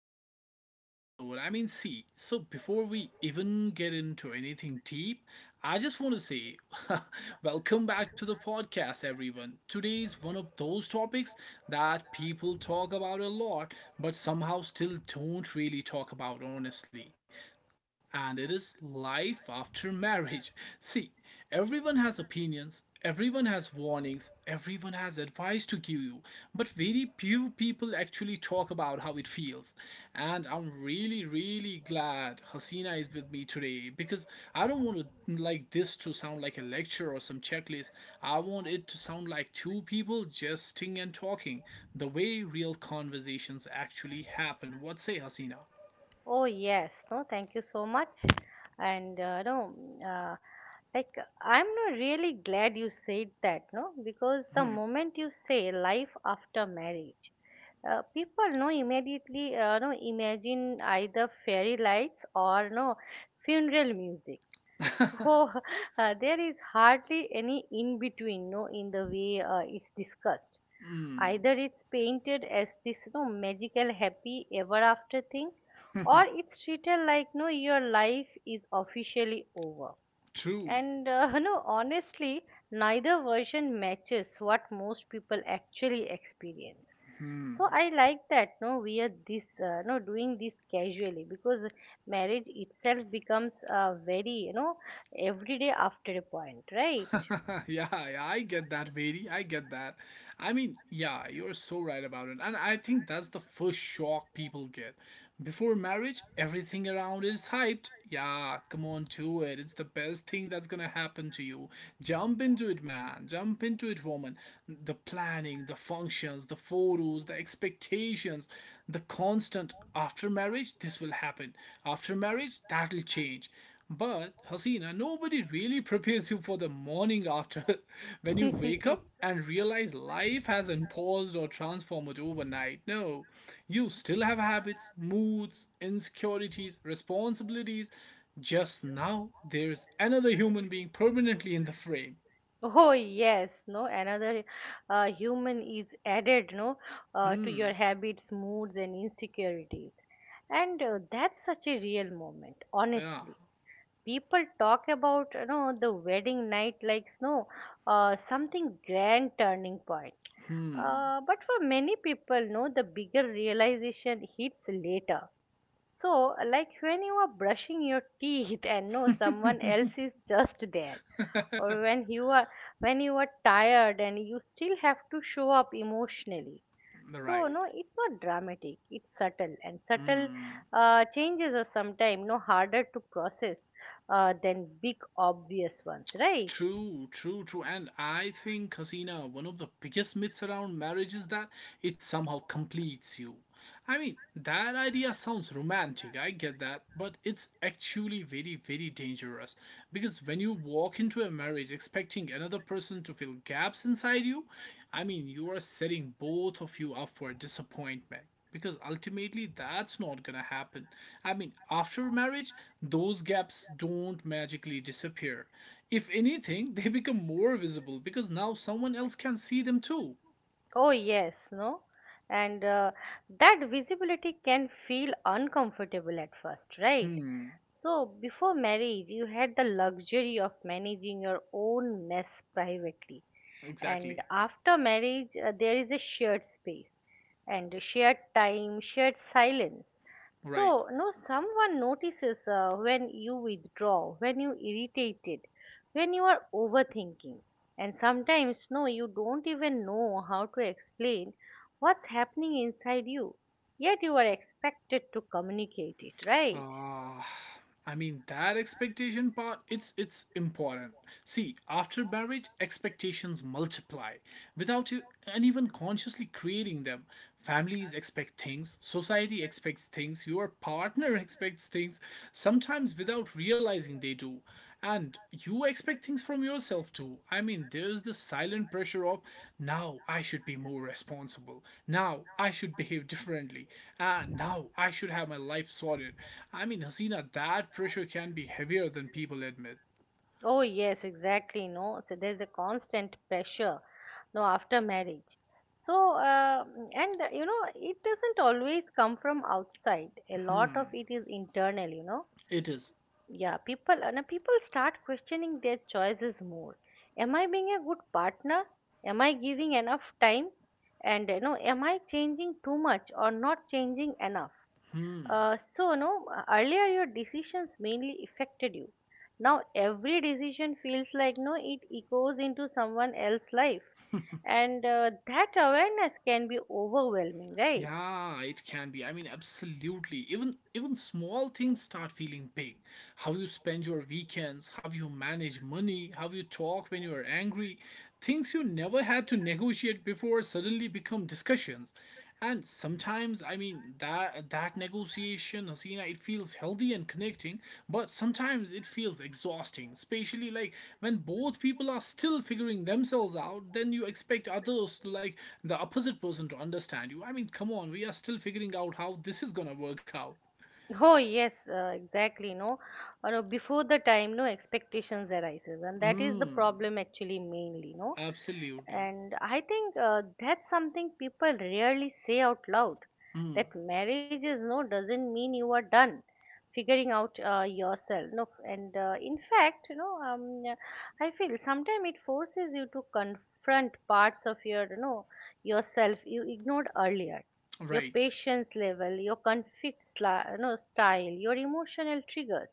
back to another episode. I mean, see, so before we even get into anything deep, I just want to say welcome back to the podcast, everyone. Today's one of those topics that people talk about a lot, but somehow still don't really talk about honestly, and it is life after marriage. See, everyone has opinions, everyone has warnings, everyone has advice to give you, but very few people actually talk about how it feels. And I'm really, really glad Hasina is with me today because I don't want to like this to sound like a lecture or some checklist. I want it to sound like two people jesting and talking, the way real conversations actually happen. What say, Hasina? Oh yes, no, thank you so much. And no, uh, like I'm not really glad you said that, no, because the Hmm. moment you say life after marriage, people no immediately no imagine either fairy lights or no funeral music, so there is hardly any in between, no, in the way it's discussed. Mm. Either it's painted as this, no, magical, happy, ever after thing, or it's treated like, no, your life is officially over. True. And honestly, neither version matches what most people actually experience. So I like that. No, we are this, no, doing this casually because marriage itself becomes very, everyday after a point, right? Yeah, yeah, I get that, Veri. I get that. I mean, yeah, you're so right about it. And I think that's the first shock people get. Before marriage, everything around is hyped. Yeah, come on, to it. It's the best thing that's gonna happen to you. Jump into it, man. Jump into it, woman. The planning, the functions, the photos, the expectations, the constant after marriage, this will happen. After marriage, that'll change, but Hasina, nobody really prepares you for the morning after when you wake up and realize life hasn't paused or transformed overnight. No, you still have habits, moods, insecurities, responsibilities. Just now, there's another human being permanently in the frame. Oh yes, no, another human is added, no, to your Hmm. habits, moods, and insecurities, and that's such a real moment. Yeah. Honestly, people talk about the wedding night like no, something grand turning point. Hmm. But for many people, no, the bigger realization hits later. So, like when you are brushing your teeth and no, someone else is just there, or when you are tired and you still have to show up emotionally. So Right. no, it's not dramatic, it's subtle, and subtle Hmm. Changes are sometimes no harder to process than big obvious ones, right? True, true, true. And I think, Hasina, one of the biggest myths around marriage is that it somehow completes you. I mean, that idea sounds romantic, I get that, but it's actually very, very dangerous. Because when you walk into a marriage expecting another person to fill gaps inside you, I mean, you are setting both of you up for disappointment. Because ultimately, that's not gonna happen. I mean, after marriage, those gaps don't magically disappear. If anything, they become more visible because now someone else can see them too. Oh yes, no, and that visibility can feel uncomfortable at first, right? Hmm. So before marriage you had the luxury of managing your own mess privately, and Exactly. after marriage there is a shared space and shared time, shared silence. Right. So no, someone notices when you withdraw, when you irritated, when you are overthinking, and sometimes no you don't even know how to explain what's happening inside you, yet you are expected to communicate it, right? Ah, I mean that expectation part, it's important. See, after marriage, expectations multiply without you anyone consciously creating them. Families expect things, society expects things, your partner expects things, sometimes without realizing they do. And you expect things from yourself too. I mean, there's the silent pressure of now I should be more responsible. Now I should behave differently. Now I should have my life sorted. I mean, Hasina, that pressure can be heavier than people admit. Oh, yes, exactly. No, so there's a constant pressure, no, after marriage. So, and it doesn't always come from outside. A lot Hmm, of it is internal, you know. it is. Yeah, people start questioning their choices more. Am I being a good partner? Am I giving enough time? And, am I changing too much or not changing enough? Hmm. So no, earlier your decisions mainly affected you. Now every decision feels like no, it echoes into someone else's life, and that awareness can be overwhelming, right? Yeah, it can be. I mean, absolutely. Even small things start feeling big. How you spend your weekends, how you manage money, how you talk when you are angry, things you never had to negotiate before suddenly become discussions. And sometimes, I mean, that negotiation, Hasina, it feels healthy and connecting, but sometimes it feels exhausting, especially like when both people are still figuring themselves out, then you expect others like the opposite person to understand you. I mean, come on, we are still figuring out how this is gonna work out. Oh yes, exactly. No, or before the time, no expectations arises, and that is the Mm. problem actually mainly. No, Absolutely. and I think that's something people rarely say out loud. Mm. That marriage is no doesn't mean you are done figuring out yourself. No, and in fact, yeah, I feel sometimes it forces you to confront parts of your, yourself you ignored earlier, your Right. patience level, your conflict style, your emotional triggers.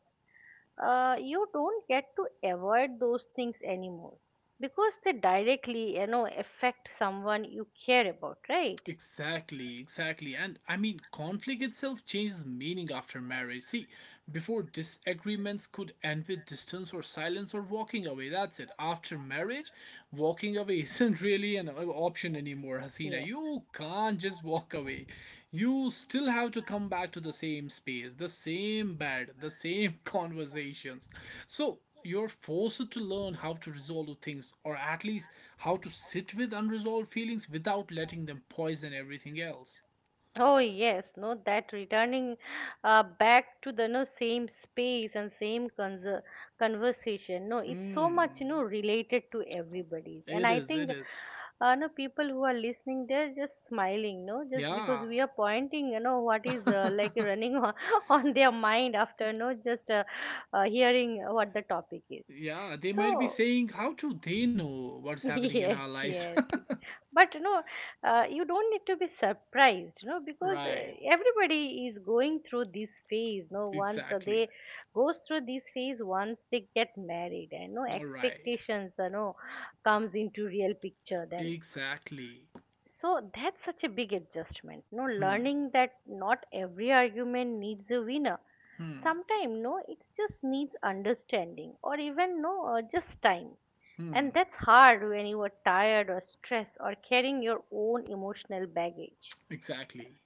You don't get to avoid those things anymore because they directly affect someone you care about, right? Exactly, exactly. And I mean, conflict itself changes meaning after marriage. See, before disagreements could end with distance or silence or walking away. That's it. After marriage, walking away isn't really an option anymore, Hasina. Yes. You can't just walk away. You still have to come back to the same space, the same bed, the same conversations. So you're forced to learn how to resolve things or at least how to sit with unresolved feelings without letting them poison everything else. Oh yes, no, that returning back to the no same space and same conser conversation. No, it's so much Mm. related to everybody's, It and I is, it think is. No people who are listening, they're just smiling, no, just because Yeah. we are pointing, what is like running on, on their mind after no just hearing what the topic is. Yeah, they might be So saying, how do they know what's happening in yes, our lives? yes. But you know, you don't need to be surprised, you know, because Right. everybody is going through this phase. No, once Exactly. they goes through this phase, once they get married, and no All right. expectations, comes into real picture then. Exactly. So that's such a big adjustment. No, Hmm. learning that not every argument needs a winner. Hmm. Sometimes, no, it just needs understanding, or even no, just time. And Hmm. that's hard when you are tired or stressed or carrying your own emotional baggage. Exactly.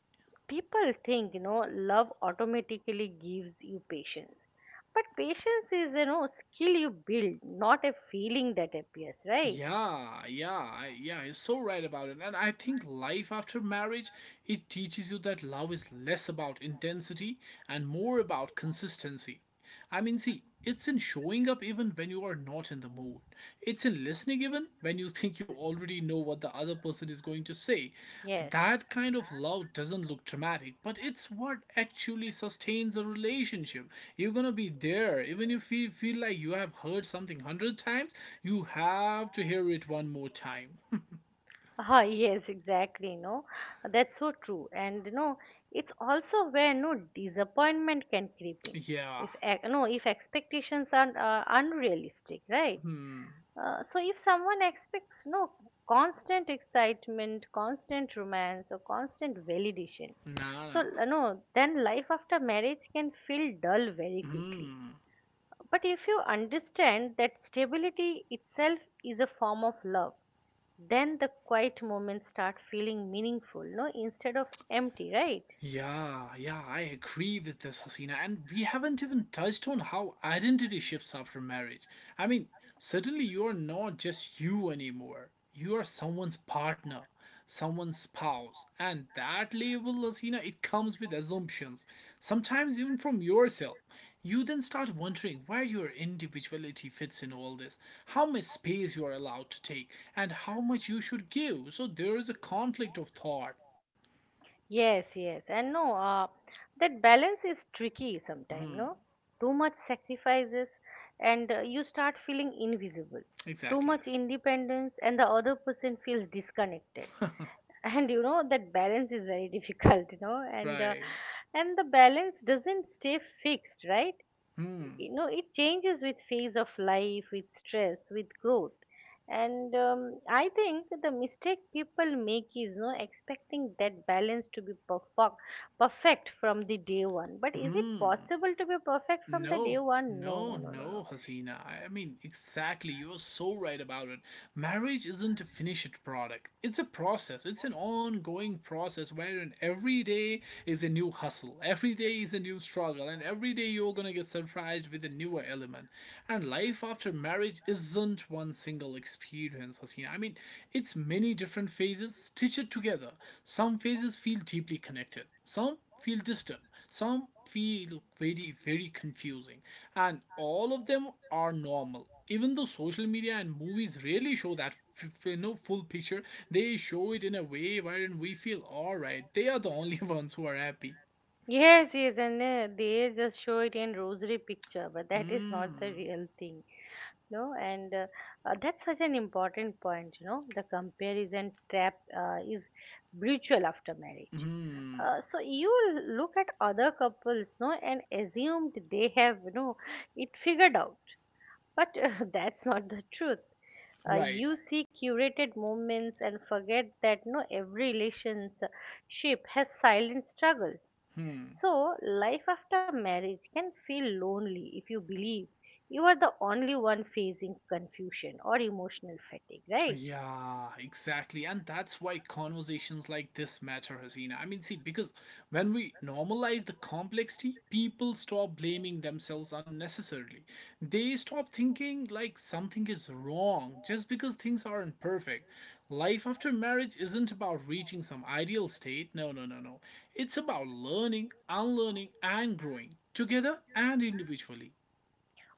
People think, love automatically gives you patience. But patience is, skill you build, not a feeling that appears, right? Yeah, yeah, yeah, you're so right about it. And I think life after marriage, it teaches you that love is less about intensity and more about consistency. I mean, see, it's in showing up even when you are not in the mood. It's in listening even when you think you already know what the other person is going to say. Yes. That kind of love doesn't look dramatic, but it's what actually sustains a relationship. You're gonna be there, even if you feel like you have heard something hundred times, you have to hear it one more time. Ah, yes, exactly. No, that's so true. And no, it's also where no disappointment can creep in. Yeah. If ex- no, if expectations are unrealistic, right? Hmm. So if someone expects no constant excitement, constant romance, or constant validation, Nah. so Nah. No, then life after marriage can feel dull very quickly. Hmm. But if you understand that stability itself is a form of love, then the quiet moments start feeling meaningful, no, instead of empty, right? Yeah, yeah, I agree with this, Hasina. And we haven't even touched on how identity shifts after marriage. I mean, suddenly you are not just you anymore. You are someone's partner, someone's spouse. And that label, Hasina, it comes with assumptions, sometimes even from yourself. You then start wondering where your individuality fits in all this, how much space you are allowed to take, and how much you should give. So there is a conflict of thought. Yes, yes, and no, that balance is tricky sometimes, Hmm. no? Too much sacrifices, and you start feeling invisible. Too Exactly. much independence, and the other person feels disconnected, and that balance is very difficult, you know and uh, Right. and the balance doesn't stay fixed, right? Hmm. you know it changes with phase of life, with stress, with growth. And I think the mistake people make is no expecting that balance to be perfect from the day one, but is it Hmm. possible to be perfect from the day No, one? No, no, no, no, no, no. no, Hasina. I mean, exactly. You're so right about it. Marriage isn't a finished product, it's a process. It's an ongoing process wherein every day is a new hustle, every day is a new struggle, and every day you're gonna get surprised with a newer element. And life after marriage isn't one single experience, Hasina. I mean, it's many different phases stitched together. Some phases feel deeply connected, some feel distant, some feel very, very confusing, and all of them are normal. Even though social media and movies rarely show that full picture, they show it in a way wherein we feel alright. They are the only ones who are happy. Yes, yes, and they just show it in rosary picture, but that is not the Hmm. real thing. No, and that's such an important point, the comparison trap is brutal after marriage. Hmm. So you look at other couples no and assumed they have it figured out, but that's not the truth. uh, Right. you see curated moments and forget that no every relationship has silent struggles. Hmm. So life after marriage can feel lonely if you believe you are the only one facing confusion or emotional fatigue, right? Yeah, exactly. And that's why conversations like this matter, Hasina. I mean, see, because when we normalize the complexity, people stop blaming themselves unnecessarily. They stop thinking like something is wrong just because things aren't perfect. Life after marriage isn't about reaching some ideal state. No, no, no, no. It's about learning, unlearning, and growing together and individually.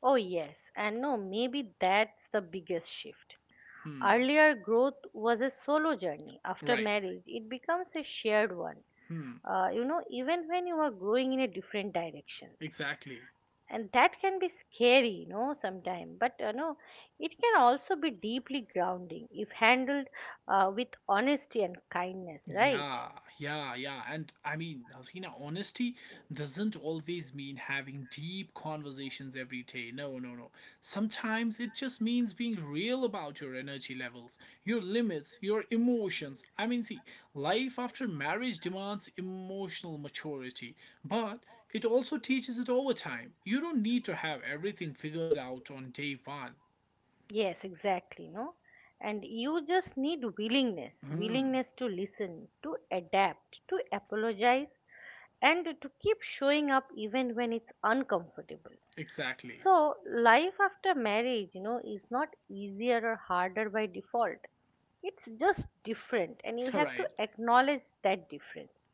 Oh yes, and no, maybe that's the biggest shift. Hmm. Earlier, growth was a solo journey. After Right. marriage, it becomes a shared one. Hmm. Even when you are growing in a different directions, Exactly. and that can be scary, sometimes. But it can also be deeply grounding if handled with honesty and kindness, right? Yeah, yeah, yeah. And I mean, Hasina, honesty doesn't always mean having deep conversations every day. No, no, no. Sometimes it just means being real about your energy levels, your limits, your emotions. I mean, see, life after marriage demands emotional maturity, but it also teaches it over time. You don't need to have everything figured out on day one. Yes, exactly. No, and you just need willingness, Hmm. willingness to listen, to adapt, to apologize, and to keep showing up even when it's uncomfortable. Exactly. So, life after marriage, is not easier or harder by default. It's just different, and you All have right. to acknowledge that difference.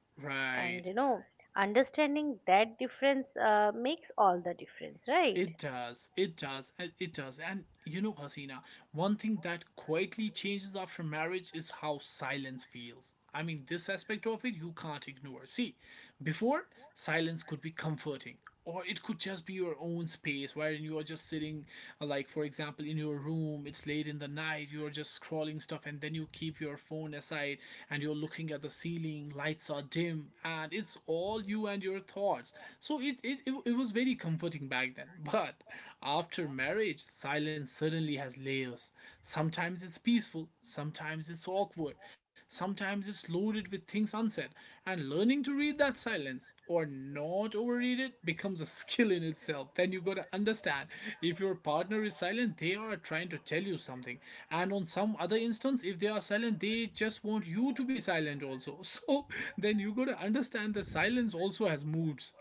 And, Right. Understanding that difference makes all the difference, right? It does. It does. And it does. And you know, Hasina, one thing that quietly changes after marriage is how silence feels. I mean, this aspect of it you can't ignore. See, before, silence could be comforting. Or it could just be your own space wherein you are just sitting, like for example, in your room, it's late in the night, you're just scrolling stuff, and then you keep your phone aside and you're looking at the ceiling, lights are dim, and it's all you and your thoughts. So it was very comforting back then. But after marriage, silence suddenly has layers. Sometimes it's peaceful, sometimes it's awkward, sometimes it's loaded with things unsaid, and learning to read that silence or not overread it becomes a skill in itself. Then you gotta understand if your partner is silent, they are trying to tell you something. And on some other instance, if they are silent, they just want you to be silent also. So then you gotta understand that silence also has moods.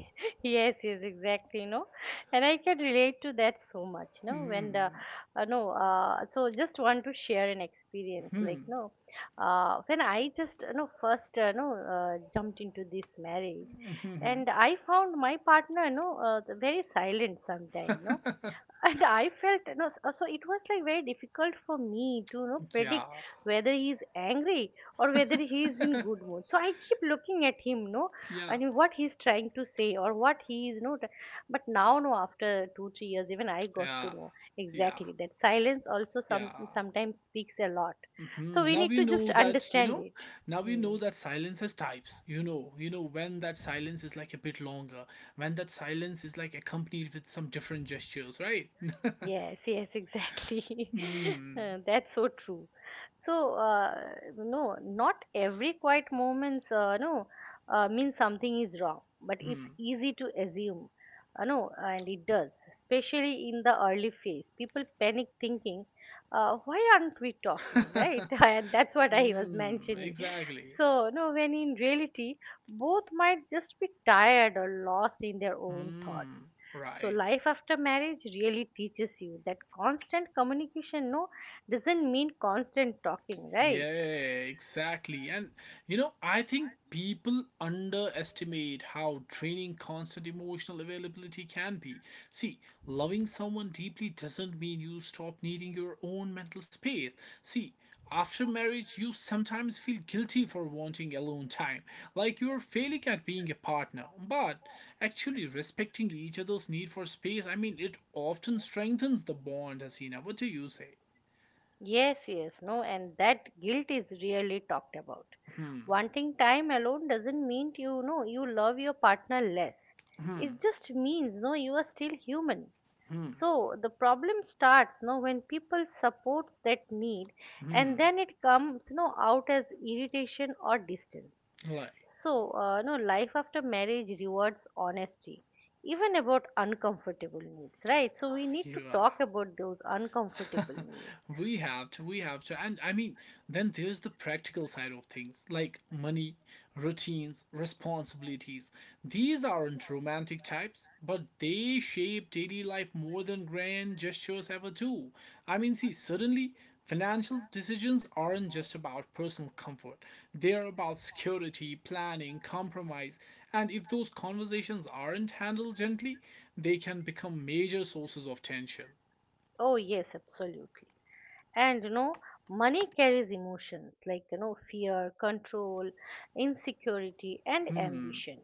Yes, yes, exactly, no, and I can relate to that so much, no, when the Mm-hmm. No so just want to share an experience like no, when I just first no jumped into this marriage, Mm-hmm. and I found my partner the very silent sometimes, no. And I felt, so it was like very difficult for me to Yeah, predict whether he's angry or whether he's in good mood. So I keep looking at him, you know, yeah, and what he's trying to say or what he is, you know. But now, no, after 2-3 years, even I got to yeah, know yeah, exactly that silence also some yeah. sometimes speaks a lot. So Mhm. we Now need you to know just that, you understand know, it. now you know Hmm. that silence has types. You know when that silence is like a bit longer, when that silence is like accompanied with some different gestures, right? Yes, yes, exactly. Hmm. That's so true. So, no, not every quiet moments, no, means something is wrong, but Hmm. it's easy to assume, no, and it does, especially in the early phase. People panic thinking, why aren't we talking, right? And that's what I was Hmm. mentioning. Exactly. So, no, when in reality, both might just be tired or lost in their own Hmm. thoughts. So Right. life after marriage really teaches you that constant communication no doesn't mean constant talking, right? Yeah, exactly. And you know, I think people underestimate how draining constant emotional availability can be. See, loving someone deeply doesn't mean you stop needing your own mental space. See, after marriage, you sometimes feel guilty for wanting alone time, like you're failing at being a partner. But actually, respecting each other's need for space, I mean, it often strengthens the bond, Hasina. What do you say? Yes, yes, no, and that guilt is really talked about. Hmm. Wanting time alone doesn't mean you love your partner less. Hmm. It just means no, you are still human. Hmm. So the problem starts, when people supports that need, and Hmm. then it comes out as irritation or distance. Like So uh, you life after marriage rewards honesty, even about uncomfortable needs, right? So we need you to are. talk about those uncomfortable needs. We have to, we have to. And I mean, then there's the practical side of things like money, routines, responsibilities. These aren't romantic types, but they shape daily life more than grand gestures ever do. I mean, see, suddenly financial decisions aren't just about personal comfort, they're about security, planning, compromise. And if those conversations aren't handled gently, they can become major sources of tension. Oh yes, absolutely. And money carries emotions like, fear, control, insecurity, and Hmm. ambition.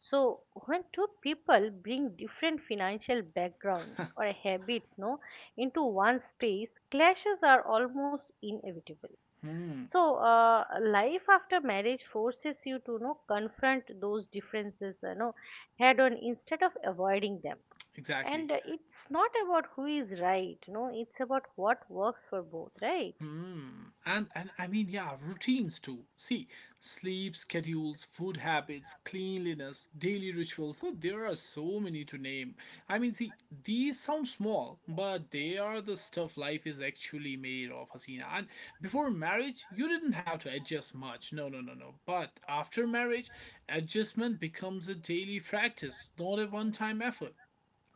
So when two people bring different financial backgrounds or habits no into one space, clashes are almost inevitable. Hmm. So life after marriage forces you to know confront those differences, head on, instead of avoiding them. Exactly. And it's not about who is right, no, it's about what works for both, right? Hmm. And I mean, yeah, routines too. See, sleep schedules, food habits, cleanliness, daily rituals. So there are so many to name. I mean, see, these sound small, but they are the stuff life is actually made of, Hasina. And before marriage, you didn't have to adjust much. No, no, no, no. But after marriage, adjustment becomes a daily practice, not a one-time effort.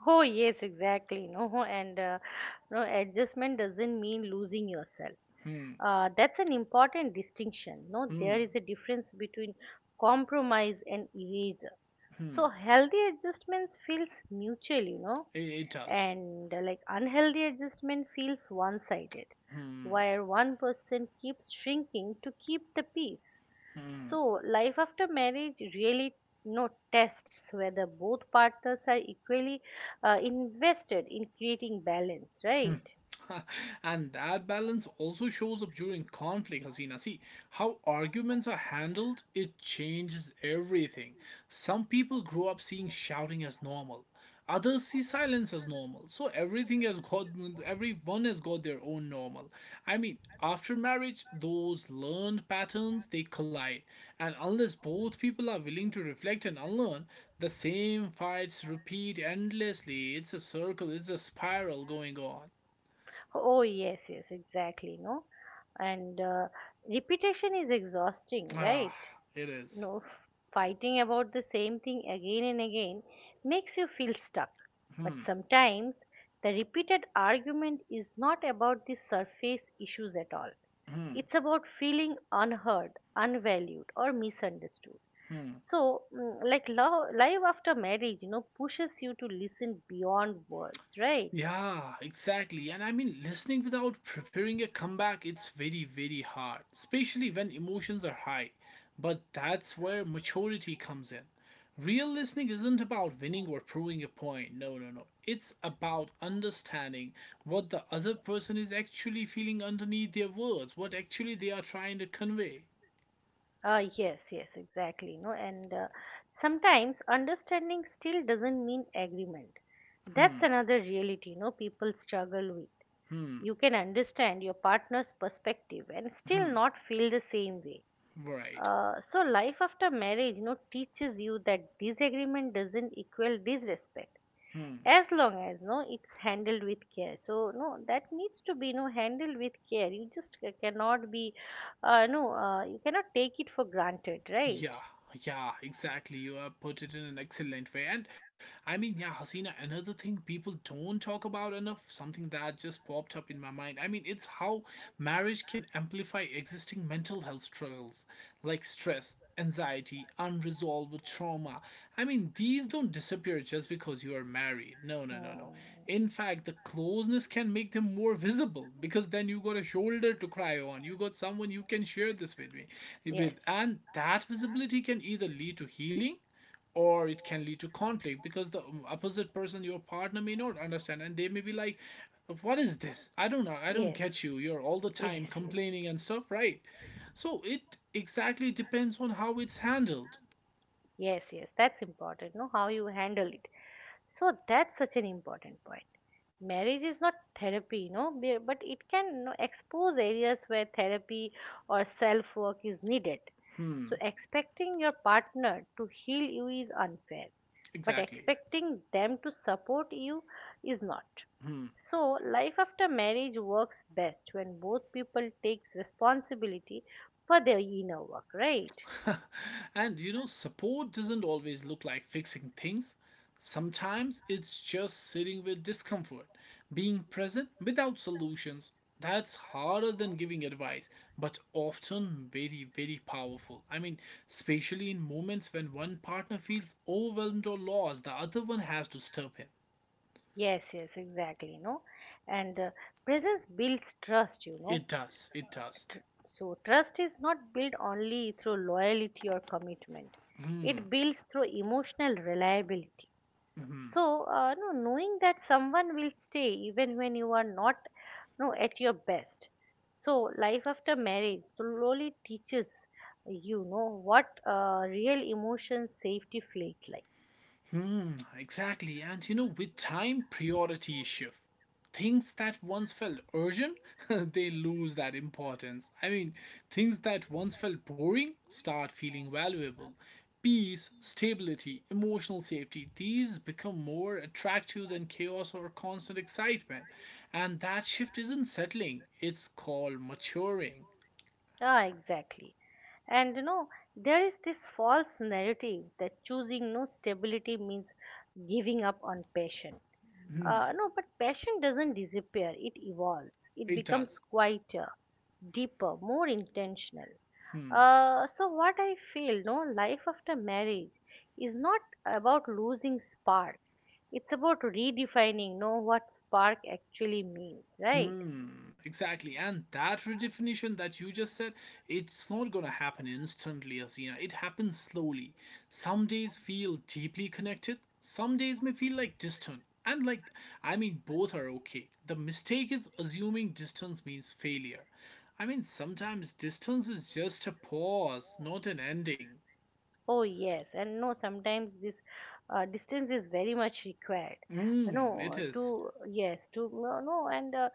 Oh, yes, exactly. No, and no, adjustment doesn't mean losing yourself. Hmm. That's an important distinction. No, Hmm. there is a difference between compromise and erasure. Hmm. So healthy adjustments feels mutual, It does. and like unhealthy adjustment feels one-sided, Hmm. where one person keeps shrinking to keep the peace. Hmm. So, life after marriage really, tests whether both partners are equally invested in creating balance, Hmm. right? And that balance also shows up during conflict, Hasina. See, how arguments are handled, it changes everything. Some people grow up seeing shouting as normal. Others see silence as normal. So everything has got everyone has got their own normal. I mean, after marriage, those learned patterns they collide. And unless both people are willing to reflect and unlearn, the same fights repeat endlessly. It's a circle, it's a spiral going on. Oh, yes, yes, exactly, no? And Repetition is exhausting, right? Ah, it you is. know Fighting about the same thing again and again makes you feel stuck. But Hmm, sometimes the repeated argument is not about the surface issues at all. hmm, It's about feeling unheard, unvalued or misunderstood. hmm. So like love, life after marriage pushes you to listen beyond words, right? Yeah, exactly. And I mean, listening without preparing a comeback, it's very, very hard, especially when emotions are high. But that's where maturity comes in. Real listening isn't about winning or proving a point. No, no, no. It's about understanding what the other person is actually feeling underneath their words, what actually they are trying to convey. Yes, yes, exactly. No, and sometimes understanding still doesn't mean agreement. Hmm, That's another reality, no, people struggle with. hmm, You can understand your partner's perspective and still hmm. not feel the same way. Right. So life after marriage, teaches you that disagreement doesn't equal disrespect Hmm. as long as no it's handled with care. So no that needs to be no handled with care, you just cannot be no you cannot take it for granted, Yeah, right? yeah, exactly. You have put it in an excellent way. And I mean, yeah, Hasina, another thing people don't talk about enough, something that just popped up in my mind. I mean, it's how marriage can amplify existing mental health struggles like stress, anxiety, unresolved trauma. I mean, these don't disappear just because you are married. No, no, no, no. Hmm. In fact, the closeness can make them more visible because then you got a shoulder to cry on. You got someone you can share this with me with. Yes. And that visibility can either lead to healing or it can lead to conflict because the opposite person your partner may not understand and they may be like what is this, I don't know, I don't Yes, get you, you're all the yes, time yes, complaining and stuff, right? So it exactly depends on how it's handled. yes, yes. That's important. No, how you handle it. So that's such an important point. Marriage is not therapy, no, but it can no, expose areas where therapy or self work is needed. So Hmm, expecting your partner to heal you is unfair, but exactly. expecting them to support you is not. So, life after marriage works best when both people takes responsibility for their inner work, right? And you know, support doesn't always look like fixing things. Sometimes it's just sitting with discomfort, being present without solutions. That's harder than giving advice, but often very, very powerful. I mean, especially in moments when one partner feels overwhelmed or lost, the other one has to step in. Yes, yes, exactly, you know. And Presence builds trust, you know. It does, it does. Tr- So, trust is not built only through loyalty or commitment. It builds through emotional reliability. Mhm. So, no, knowing that someone will stay even when you are not no, at your best. So, life after marriage slowly teaches what real emotion safety feels like. Mm, exactly. And you know, with time, priority shift. Things that once felt urgent, they lose that importance. I mean, things that once felt boring start feeling valuable. Peace, stability, emotional safety, these become more attractive than chaos or constant excitement. And that shift isn't settling, it's called maturing. Ah, exactly. And you know, there is this false narrative that choosing no stability means giving up on passion. No, but passion doesn't disappear, it evolves, it It becomes does. quieter, deeper, more intentional. So what I feel, no, life after marriage is not about losing spark. It's about redefining, no, what spark actually means, right? Hmm, exactly. And that redefinition that you just said, it's not gonna happen instantly, Asina. It happens slowly. Some days feel deeply connected, some days may feel like distant. And like, I mean, both are okay. The mistake is assuming distance means failure. I mean, sometimes distance is just a pause, not an ending. Oh yes, and no, sometimes this distance is very much required. Mm, it No, is. to yes, to no, no and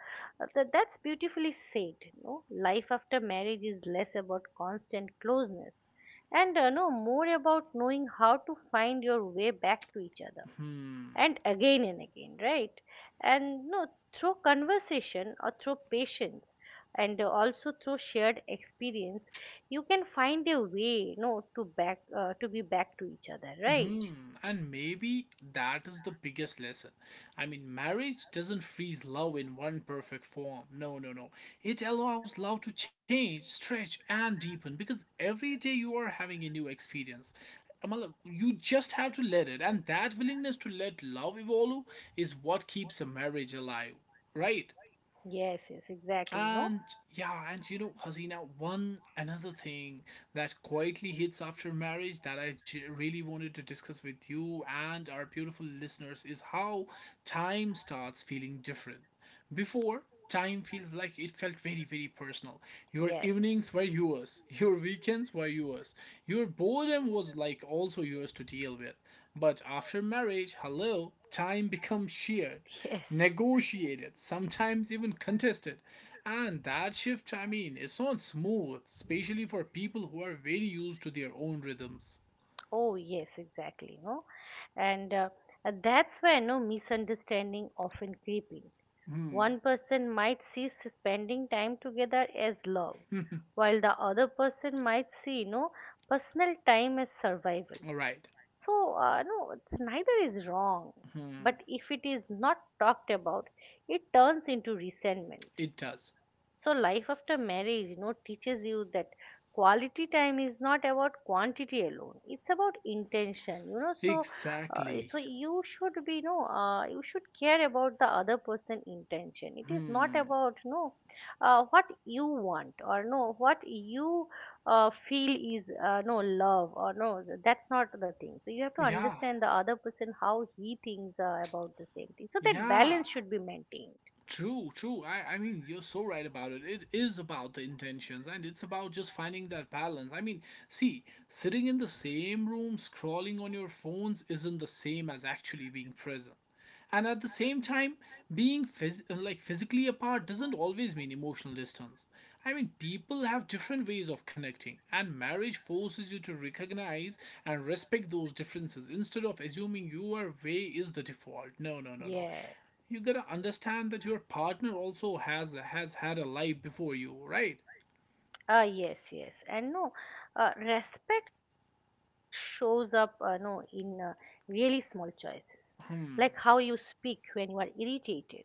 that's beautifully said. No, life after marriage is less about constant closeness, and no more about knowing how to find your way back to each other and again and again, right? And no, through conversation or through patience and also through shared experience, you can find a way no to back to be back to each other, right? Hmm, and maybe that is the biggest lesson. I mean, marriage doesn't freeze love in one perfect form. No, no, no. It allows love to change, stretch, and deepen because every day you are having a new experience. Matlab, you just have to let it, and that willingness to let love evolve is what keeps a marriage alive, right? Yes, yes, exactly, no. And yeah, and you know, Hasina, one another thing that quietly hits after marriage that I j- really wanted to discuss with you and our beautiful listeners is how time starts feeling different. Before, time feels like it felt very, very personal. Your Yes. evenings were yours, your weekends were yours, your boredom was like also yours to deal with. But after marriage, hello, time becomes shared, Yes. negotiated, sometimes even contested. And that shift, I mean, it's not smooth, especially for people who are very used to their own rhythms. Oh, yes, exactly. No, and that's where no misunderstanding often creep in. One person might see spending time together as love, while the other person might see, personal time as survival. Alright, So, no, it's neither is wrong, but if it is not talked about, it turns into resentment. it does. So, life after marriage, teaches you that quality time is not about quantity alone. It's about intention, you know. So, Exactly. so you should be, you should care about the other person' intention. It is not about, what you want or no, what you feel is no love or no. That's not the thing. So you have to Yeah, understand the other person how he thinks about the same thing. So that yeah. balance should be maintained. True, true. I mean, you're so right about it. It is about the intentions and it's about just finding that balance. I mean, see, sitting in the same room scrolling on your phones isn't the same as actually being present. And at the same time, being phys- like physically apart doesn't always mean emotional distance. I mean, people have different ways of connecting, and marriage forces you to recognize and respect those differences instead of assuming your way is the default. No, no, no, no, Yes. you gotta understand that your partner also has had a life before you, right? Ah, yes, yes. And no, respect shows up, no, in really small choices, like how you speak when you are irritated,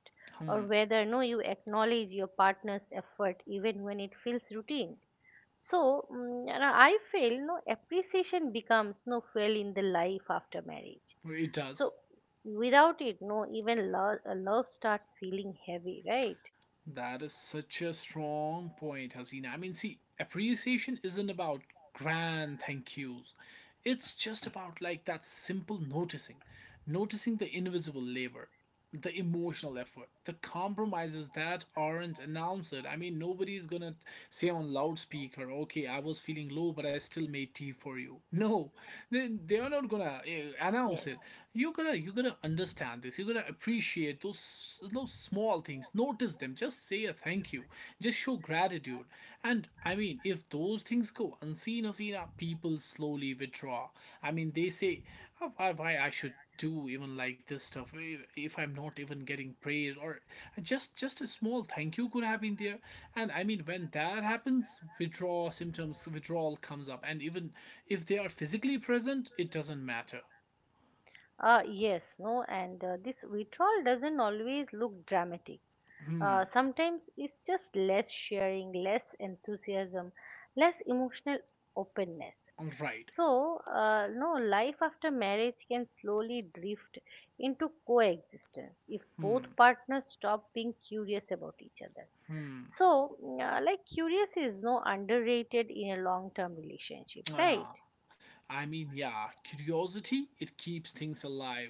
or Hmm, whether, no, you acknowledge your partner's effort even when it feels routine. So, and I feel, no, appreciation becomes, no, fuel in the life after marriage. it does. So, without it, no, even love starts feeling heavy, right? That is such a strong point, Hasina. I mean, see, appreciation isn't about grand thank yous. It's just about like that simple noticing, noticing the invisible labor, the emotional effort, the compromises that aren't announced. I mean, nobody's gonna say on loudspeaker, okay, I was feeling low, but I still made tea for you. No, they are not gonna announce Yes. it. You gotta understand this. You gotta appreciate those small things, notice them, just say a thank you, just show gratitude. And I mean, if those things go unseen or seen, people slowly withdraw. I mean they say, "Oh, why I should do even like this stuff if I'm not even getting praise? Or just a small thank you could have been there." And I mean, when that happens, withdrawal symptoms, withdrawal comes up, and even if they are physically present, it doesn't matter. Yes, no, and this withdrawal doesn't always look dramatic. Sometimes it's just less sharing, less enthusiasm, less emotional openness. All right So, no, life after marriage can slowly drift into coexistence if both partners stop being curious about each other. So, like, curious is no underrated in a long term relationship, right? ah, I mean, yeah, curiosity, it keeps things alive.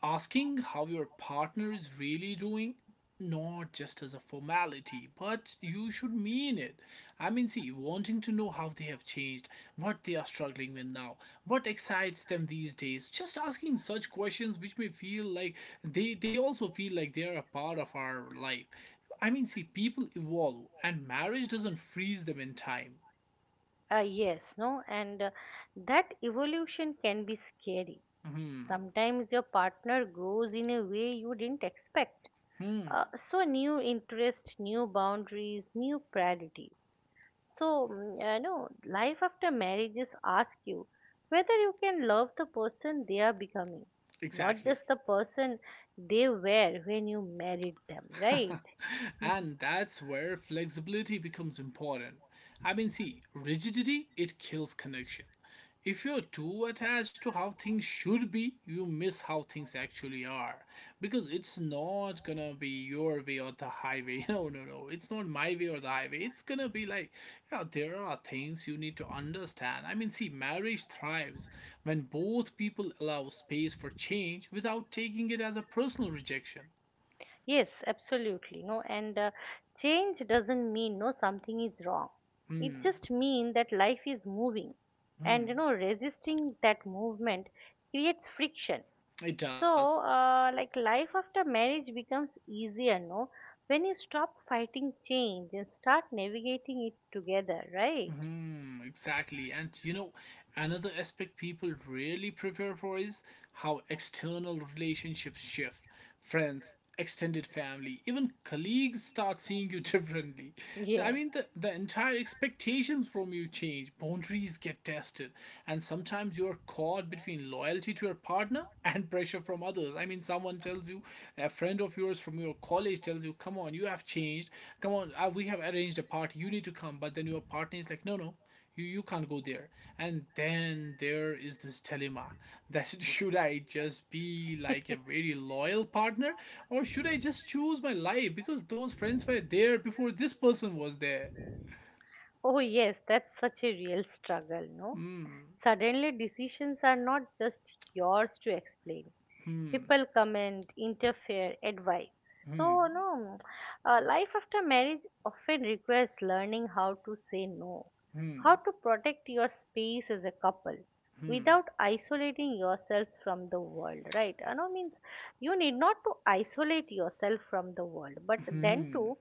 Asking how your partner is really doing, not just as a formality, but you should mean it. I mean, see, wanting to know how they have changed, what they are struggling with now, what excites them these days, just asking such questions which may feel like they also feel like they are a part of our life. I mean, see, people evolve and marriage doesn't freeze them in time. Yes, no, and that evolution can be scary. Mm-hmm. Sometimes your partner grows in a way you didn't expect. Hmm. Uh, so new interests, new boundaries, new priorities. So, no, life after marriages ask you whether you can love the person they are becoming, not Exactly. just the person they were when you married them, right? And that's where flexibility becomes important. I mean, see, rigidity it kills connection. If you're too attached to how things should be, you miss how things actually are, because it's not gonna be your way or the highway. No, no, no. It's not my way or the highway. It's gonna be like, yeah, there are things you need to understand. I mean, see, marriage thrives when both people allow space for change without taking it as a personal rejection. Yes, absolutely. No, and change doesn't mean no something is wrong. It just means that life is moving, and you know resisting that movement creates friction. It does. So, like life after marriage becomes easier, no, when you stop fighting change and start navigating it together, right? Mm, exactly. And you know, another aspect people really prepare for is how external relationships shift. Friends, extended family, even colleagues start seeing you differently. I Yes. mean, the entire expectations from you change, boundaries get tested, and sometimes you are caught between loyalty to your partner and pressure from others. I mean, someone tells you, a friend of yours from your college tells you, "Come on, you have changed. Come on, we have arranged a party, you need to come." But then your partner is like, "No, no, you can't go there." And then there is this dilemma that should I just be like a very loyal partner, or should I just choose my life because those friends were there before this person was there? Oh, yes, that's such a real struggle, no? Suddenly, decisions are not just yours to explain. People comment, interfere, advise. So, no, life after marriage often requires learning how to say no, how to protect your space as a couple without isolating yourselves from the world, right? No means you need not to isolate yourself from the world, but then Hmm. too,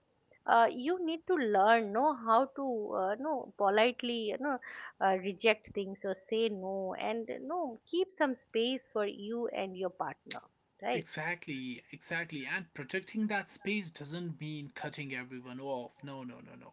you need to learn know how to know politely reject things or say no and no keep some space for you and your partner, right? Exactly, exactly. And protecting that space doesn't mean cutting everyone off. No, no, no, no.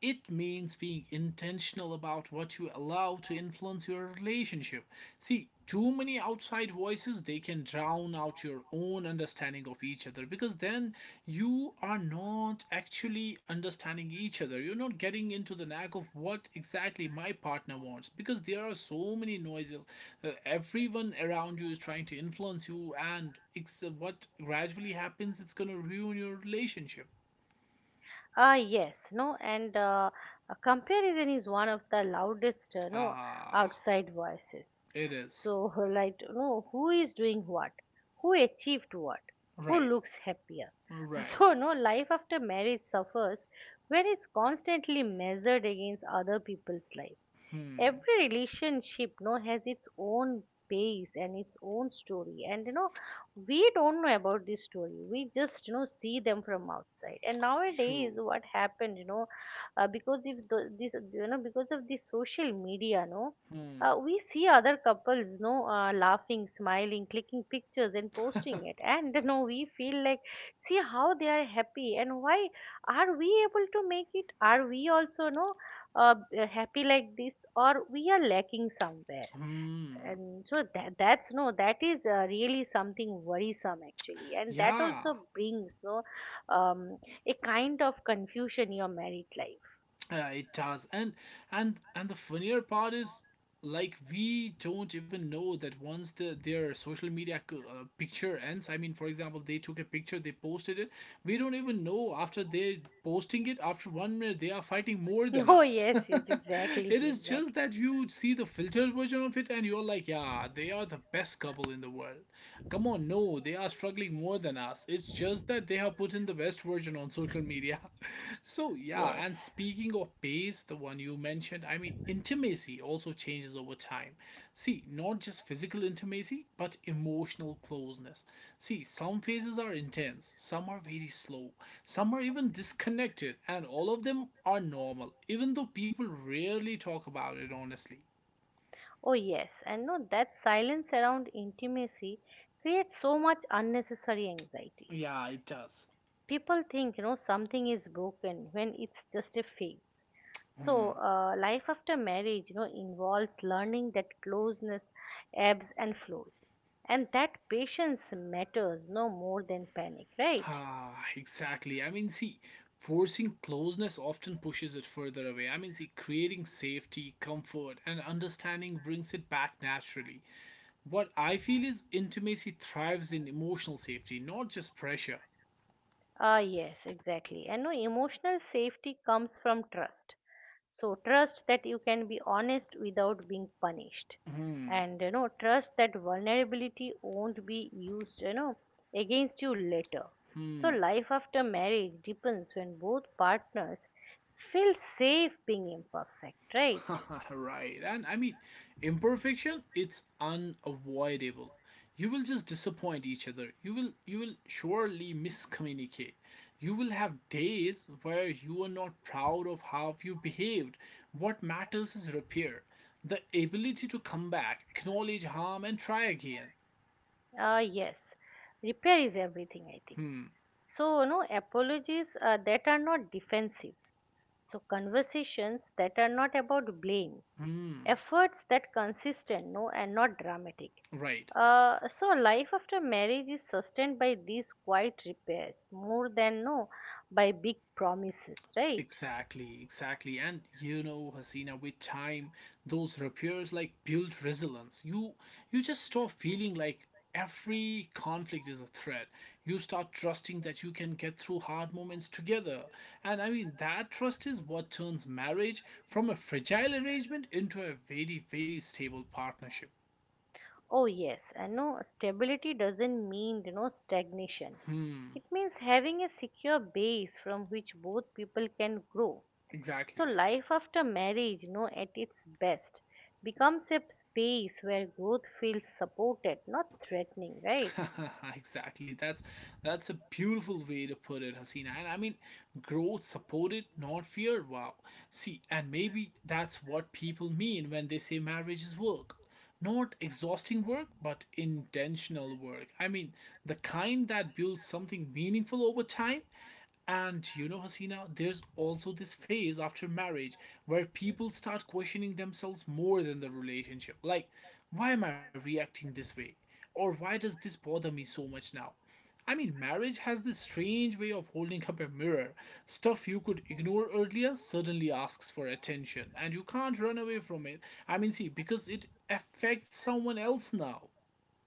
It means being intentional about what you allow to influence your relationship. See, too many outside voices, they can drown out your own understanding of each other, because then you are not actually understanding each other, you're not getting into the knack of what exactly my partner wants because there are so many noises. Everyone around you is trying to influence you, and it's what gradually happens, it's going to ruin your relationship. Ah, yes no and comparison is one of the loudest no Ah, outside voices. it is. So like no, who is doing what, who achieved what, who Right, looks happier. right. So no, life after marriage suffers when it's constantly measured against other people's life. Every relationship no has its own base and its own story, and we don't know about this story, we just see them from outside. And nowadays True. what happened, because if the, this because of the social media, no, Hmm, we see other couples no laughing, smiling, clicking pictures and posting it. And we feel like, see how they are happy, and why are we able to make it, are we also no uh, happy like this, or we are lacking somewhere. hmm. And so that that's no that is really something worrisome actually, and that Yeah. also brings no um, a kind of confusion in your married life. It does, and the funnier part is, like, we don't even know that once their social media c- picture ends. I mean, for example, they took a picture, they posted it. We don't even know after they posting it. After 1 minute, they are fighting more than Oh us. yes, yes, exactly, It is just exactly, that you see the filtered version of it, and you're like, yeah, they are the best couple in the world. Come on, no, they are struggling more than us. It's just that they have put in the best version on social media. So, yeah, yes. and speaking of pace, the one you mentioned, I mean, intimacy also changes over time. See, not just physical intimacy, but emotional closeness. See, some phases are intense, some are very slow, some are even disconnected, and all of them are normal, even though people rarely talk about it honestly. Oh yes, and no that silence around intimacy creates so much unnecessary anxiety. Yeah, it does. People think something is broken when it's just a phase. So, life after marriage, involves learning that closeness ebbs and flows, and that patience matters no more than panic, right? Ah, exactly. I mean, see, forcing closeness often pushes it further away. I mean, see, creating safety, comfort, and understanding brings it back naturally. What I feel is intimacy thrives in emotional safety, not just pressure. Ah, yes, exactly. And no, emotional safety comes from trust. So, trust that you can be honest without being punished. And, trust that vulnerability won't be used, against you later. So, life after marriage depends when both partners feel safe being imperfect, right? Right. And I mean, imperfection it's unavoidable. You will just disappoint each other. You will surely miscommunicate. You will have days where you are not proud of how you behaved. What matters is repair, the ability to come back, acknowledge harm and try again. Ah, yes. Repair is everything, I think. So, apologies that are not defensive. So, conversations that are not about blame, efforts that consistent, no, and not dramatic. Right. So, life after marriage is sustained by these quiet repairs more than no by big promises, right? Exactly, exactly. And you know, Hasina, with time, those repairs like build resilience. You just stop feeling like every conflict is a threat. You start trusting that you can get through hard moments together. And I mean that trust is what turns marriage from a fragile arrangement into a very, very stable partnership. Oh, yes, and no stability doesn't mean stagnation. It means having a secure base from which both people can grow. So, Exactly. life after marriage, no, at its best, becomes a space where growth feels supported, not threatening, right? exactly. That's a beautiful way to put it, Hasina. And I mean, growth supported, not feared. Wow. See, and maybe that's what people mean when they say marriage is work. Not exhausting work, but intentional work. I mean, the kind that builds something meaningful over time, and you know, Hasina, there's also this phase after marriage where people start questioning themselves more than the relationship. Like, why am I reacting this way? Or why does this bother me so much now? I mean, marriage has this strange way of holding up a mirror. Stuff you could ignore earlier suddenly asks for attention, and you can't run away from it. I mean, see, because it affects someone else now.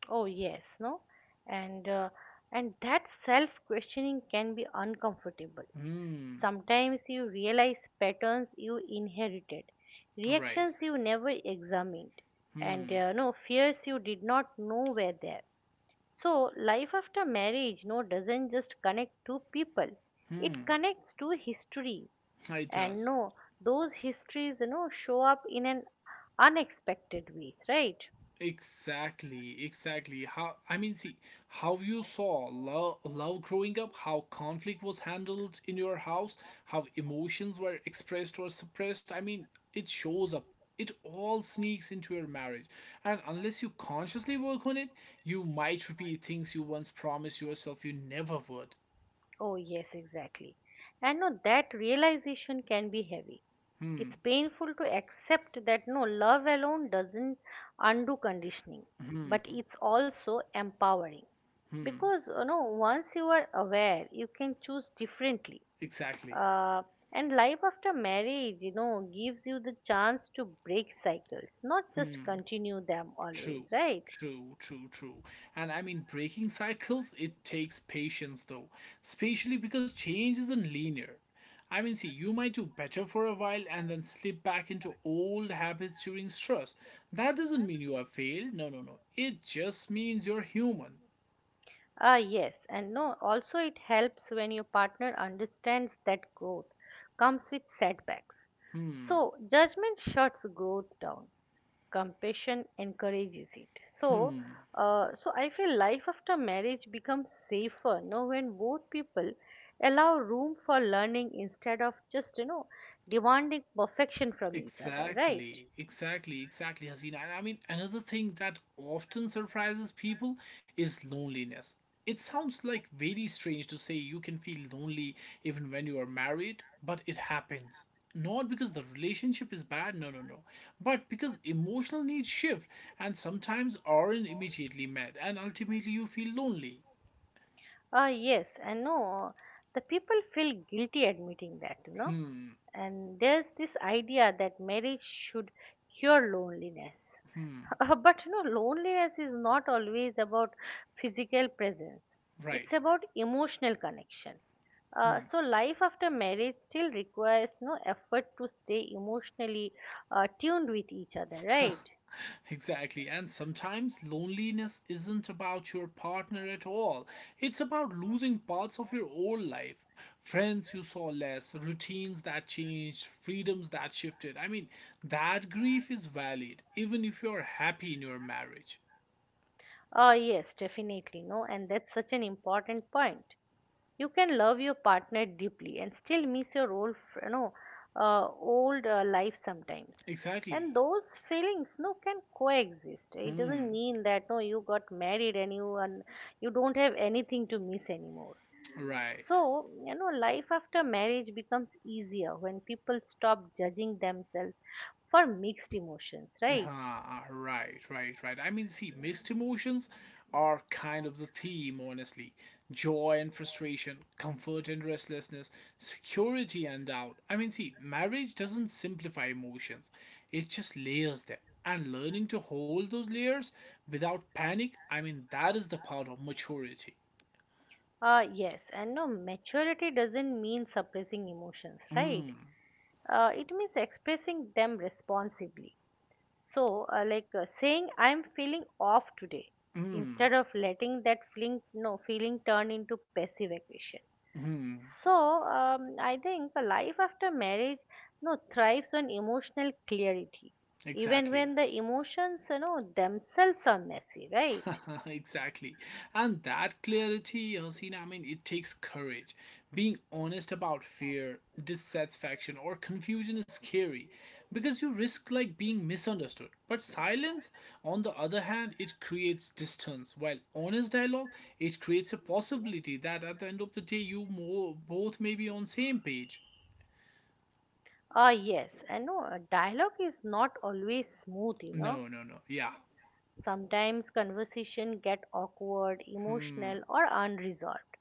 Oh yes, no, and uh, and that self-questioning can be uncomfortable. Hmm, Sometimes you realize patterns you inherited, right. reactions you never examined, and no fears you did not know were there. So, life after marriage, no, doesn't just connect two people. It connects two histories, It and does. no, those histories, show up in an unexpected ways, right? Exactly, exactly. How I mean, see how you saw love growing up, how conflict was handled in your house, how emotions were expressed or suppressed. I mean, it shows up. It all sneaks into your marriage, and unless you consciously work on it, you might repeat things you once promised yourself you never would. Oh yes, exactly. And no, that realization can be heavy. It's painful to accept that no, love alone doesn't undo conditioning, but it's also empowering because once you are aware, you can choose differently. Exactly. uh, and life after marriage gives you the chance to break cycles, not just continue them always, True, right? true, true, true. And I mean, breaking cycles, it takes patience though, especially because change isn't linear. I mean, see, you might do better for a while and then slip back into old habits during stress. That doesn't mean you have failed. No, no, no. It just means you're human. Ah yes and no, also it helps when your partner understands that growth comes with setbacks. So judgment shuts growth down, compassion encourages it. So so I feel life after marriage becomes safer, you know, when both people allow room for learning instead of just demanding perfection from each other, right? Exactly, exactly, exactly, Hasina. And I mean, another thing that often surprises people is loneliness. It sounds like very strange to say you can feel lonely even when you are married, but it happens. Not because the relationship is bad, no, no, no, but because emotional needs shift and sometimes aren't immediately met, and ultimately you feel lonely, Yes and no, the people feel guilty admitting that, you know. And there's this idea that marriage should cure loneliness. But loneliness is not always about physical presence, it's right? about emotional connection. So life after marriage still requires no effort to stay emotionally tuned with each other, right? Exactly. And sometimes loneliness isn't about your partner at all. It's about losing parts of your old life. Friends you saw less, routines that changed, freedoms that shifted. I mean, that grief is valid even if you're happy in your marriage. Yes, definitely, no, and that's such an important point. You can love your partner deeply and still miss your old you know uh, life sometimes, and Exactly. those feelings can coexist. It doesn't mean that no you got married and you don't have anything to miss anymore. Right. So you know, life after marriage becomes easier when people stop judging themselves for mixed emotions, right? Ah, right, right, right. I mean, see, mixed emotions are kind of the theme, honestly. Joy and frustration, comfort and restlessness, security and doubt. I mean, see, marriage doesn't simplify emotions, it just layers them. And learning to hold those layers without panic, I mean, that is the part of maturity. Yes, and no, maturity doesn't mean suppressing emotions, right? It means expressing them responsibly. So, saying, "I'm feeling off today," instead of letting that feeling, no, feeling turn into passive aggression. So, I think a life after marriage, no, thrives on emotional clarity, even Exactly. when the emotions, you know, themselves are messy, right? exactly. And that clarity, Hasina, I mean, it takes courage. Being honest about fear, dissatisfaction, or confusion is scary because you risk like being misunderstood. But silence, on the other hand, it creates distance, while honest dialogue, it creates a possibility that at the end of the day, you more, both may be on same page. Ah, yes, I know dialogue is not always smooth, you know. No, no, no. Yeah, Sometimes conversation get awkward, emotional, or unresolved.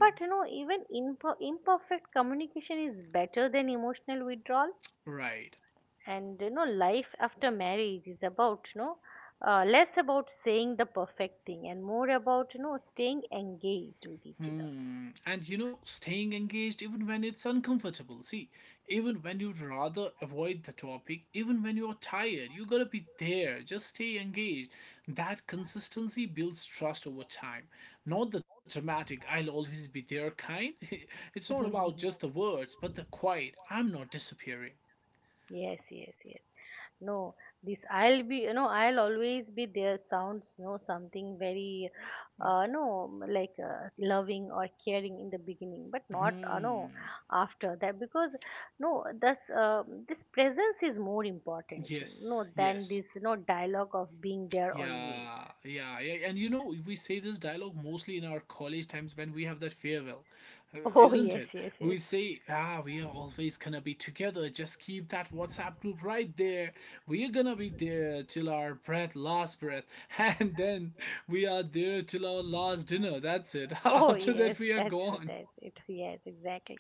But you know, even imperfect communication is better than emotional withdrawal. right. And you know, life after marriage is about less about saying the perfect thing and more about, you know, staying engaged with each other. Hmm, and you know, staying engaged even when it's uncomfortable. See, even when you'd rather avoid the topic, even when you're tired, you gotta be there. Just stay engaged. That consistency builds trust over time. Not the dramatic, I'll always be there kind. it's not about just the words, but the quiet, I'm not disappearing. Yes, yes, yes. No, this "I'll be, you know, I'll always be there" sounds, you know, something very, no, like loving or caring in the beginning, but not, Hmm, after that because, no, this, this presence is more important, no, yes, than yes. this, you know, dialogue of being there always. Yeah, yeah, yeah, and you know we say this dialogue mostly in our college times when we have that farewell, Oh, isn't yes, it? yes, We yes. say, "Ah, we are always gonna be together. Just keep that WhatsApp group right there. We are gonna be there till our breath, last breath, and then we are there till our last dinner. That's it. Oh, After yes, that, we are that's it, gone." that's it. Yes, exactly.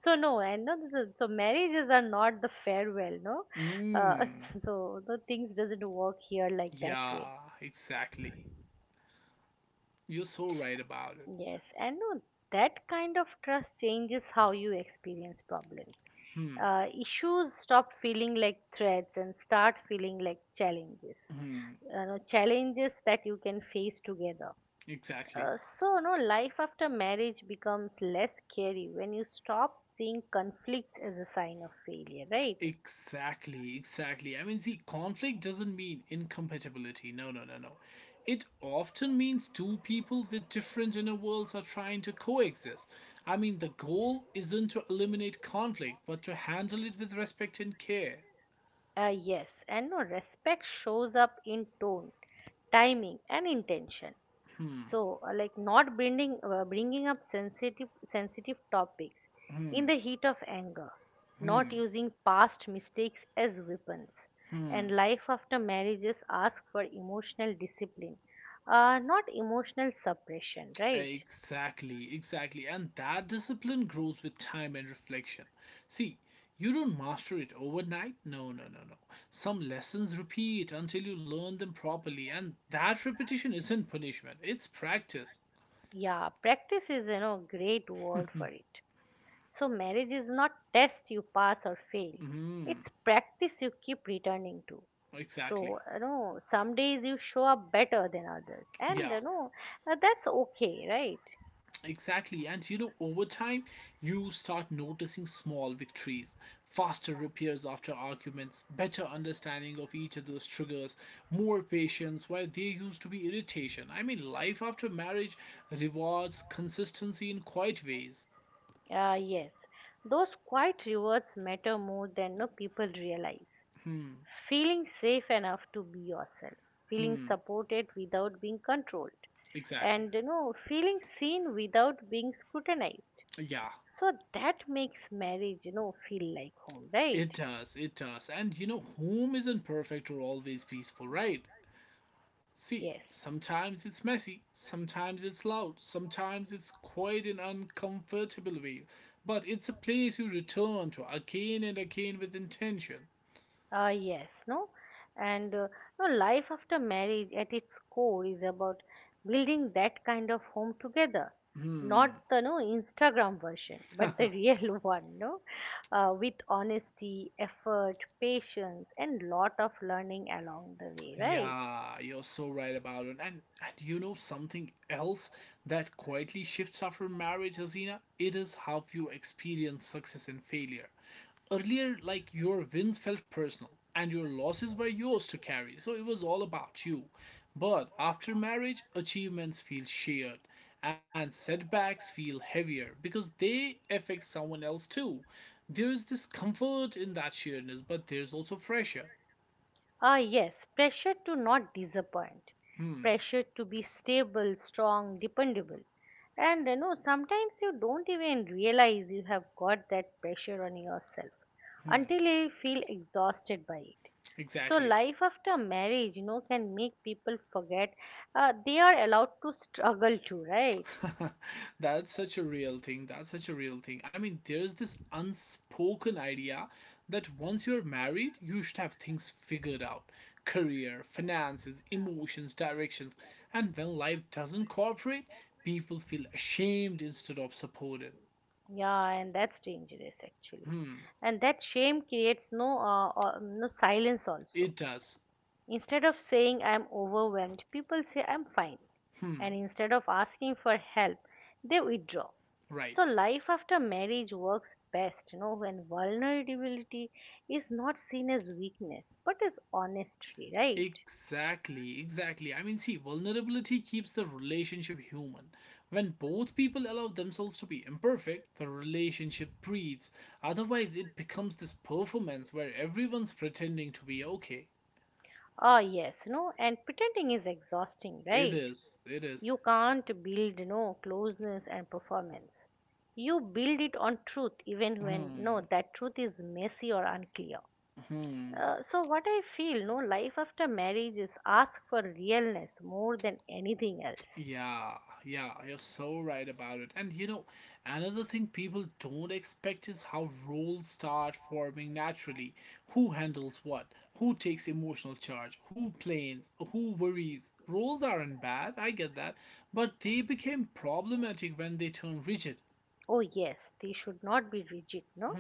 So no, and no, so marriages are not the farewell, no. Uh, Mm, so the things doesn't work here like that way. yeah, exactly. You're so right about it. Yes, and no, that kind of trust changes how you experience problems. Issues stop feeling like threats and start feeling like challenges. You know, challenges that you can face together. Exactly. So no, life after marriage becomes less scary when you stop seeing conflicts as a sign of failure, right? Exactly, exactly. I mean, see, conflict doesn't mean incompatibility. No, no, no, no. It often means two people with different inner worlds are trying to coexist. I mean, the goal isn't to eliminate conflict, but to handle it with respect and care. Yes, and no, respect shows up in tone, timing, and intention. So, not bringing up sensitive topics in the heat of anger, not using past mistakes as weapons, and life after marriages ask for emotional discipline, not emotional suppression. Right? Exactly, exactly. And that discipline grows with time and reflection. See, you don't master it overnight. No, no, no, no. Some lessons repeat until you learn them properly, and that repetition isn't punishment, it's practice. Yeah, practice is, you know, great word for it. So marriage is not test you pass or fail. It's practice you keep returning to. So Exactly. you know, some days you show up better than others, and Yeah. That's okay, Exactly, and you know, over time, you start noticing small victories, faster repairs after arguments, better understanding of each other's triggers, more patience where there used to be irritation. I mean, life after marriage rewards consistency in quiet ways. right? Yes, those quiet rewards matter more than no people realize. Feeling safe enough to be yourself, feeling supported without being controlled, Exactly. and you know, feeling seen without being scrutinized. Yeah, So that makes marriage, you know, feel like home, right? it does, it does. And you know, home isn't perfect or always peaceful, right? See, Yes, sometimes it's messy, sometimes it's loud, sometimes it's quiet in uncomfortable ways, but it's a place you return to again and again with intention. Yes, no, and no, life after marriage at its core is about building that kind of home together, not the no Instagram version, but the real one, no, with honesty, effort, patience, and lot of learning along the way, right? Yeah, you're so right about it. And you know something else that quietly shifts after marriage, Azina? It is how you experience success and failure. Earlier, like your wins felt personal and your losses were yours to carry, so it was all about you. But after marriage, achievements feel shared and setbacks feel heavier because they affect someone else too. There is this comfort in that sharedness, but there's also pressure. Ah, yes, pressure to not disappoint, pressure to be stable, strong, dependable. And you know, sometimes you don't even realize you have got that pressure on yourself until you feel exhausted by it. So, Exactly. life after marriage, you know, can make people forget they are allowed to struggle too, right? that's such a real thing. That's such a real thing. I mean, there's this unspoken idea that once you're married, you should have things figured out career, finances, emotions, directions. And when life doesn't cooperate, people feel ashamed instead of supported. Yeah, and that's dangerous actually. And that shame creates no silence It also. does. Instead of saying "I'm overwhelmed," people say "I'm fine." And instead of asking for help, they withdraw. Right. So life after marriage works best, you know, when vulnerability is not seen as weakness, but as honesty, right? Exactly, exactly. I mean, see, vulnerability keeps the relationship human. When both people allow themselves to be imperfect, the relationship breathes. Otherwise, it becomes this performance where everyone's pretending to be okay. Ah, yes, you know, and pretending is exhausting, It right? is, it is. You can't build, you know, closeness and performance. You build it on truth, even when, no, Hmm. that truth is messy or unclear. So what I feel, no, life after marriage is asked for realness more than anything else. Yeah, yeah, you're so right about it. And you know, another thing people don't expect is how roles start forming naturally. Who handles what? Who takes emotional charge? Who plains? Who worries? Roles aren't bad, I get that. But they became problematic when they turn rigid. Oh yes, they should not be rigid, no.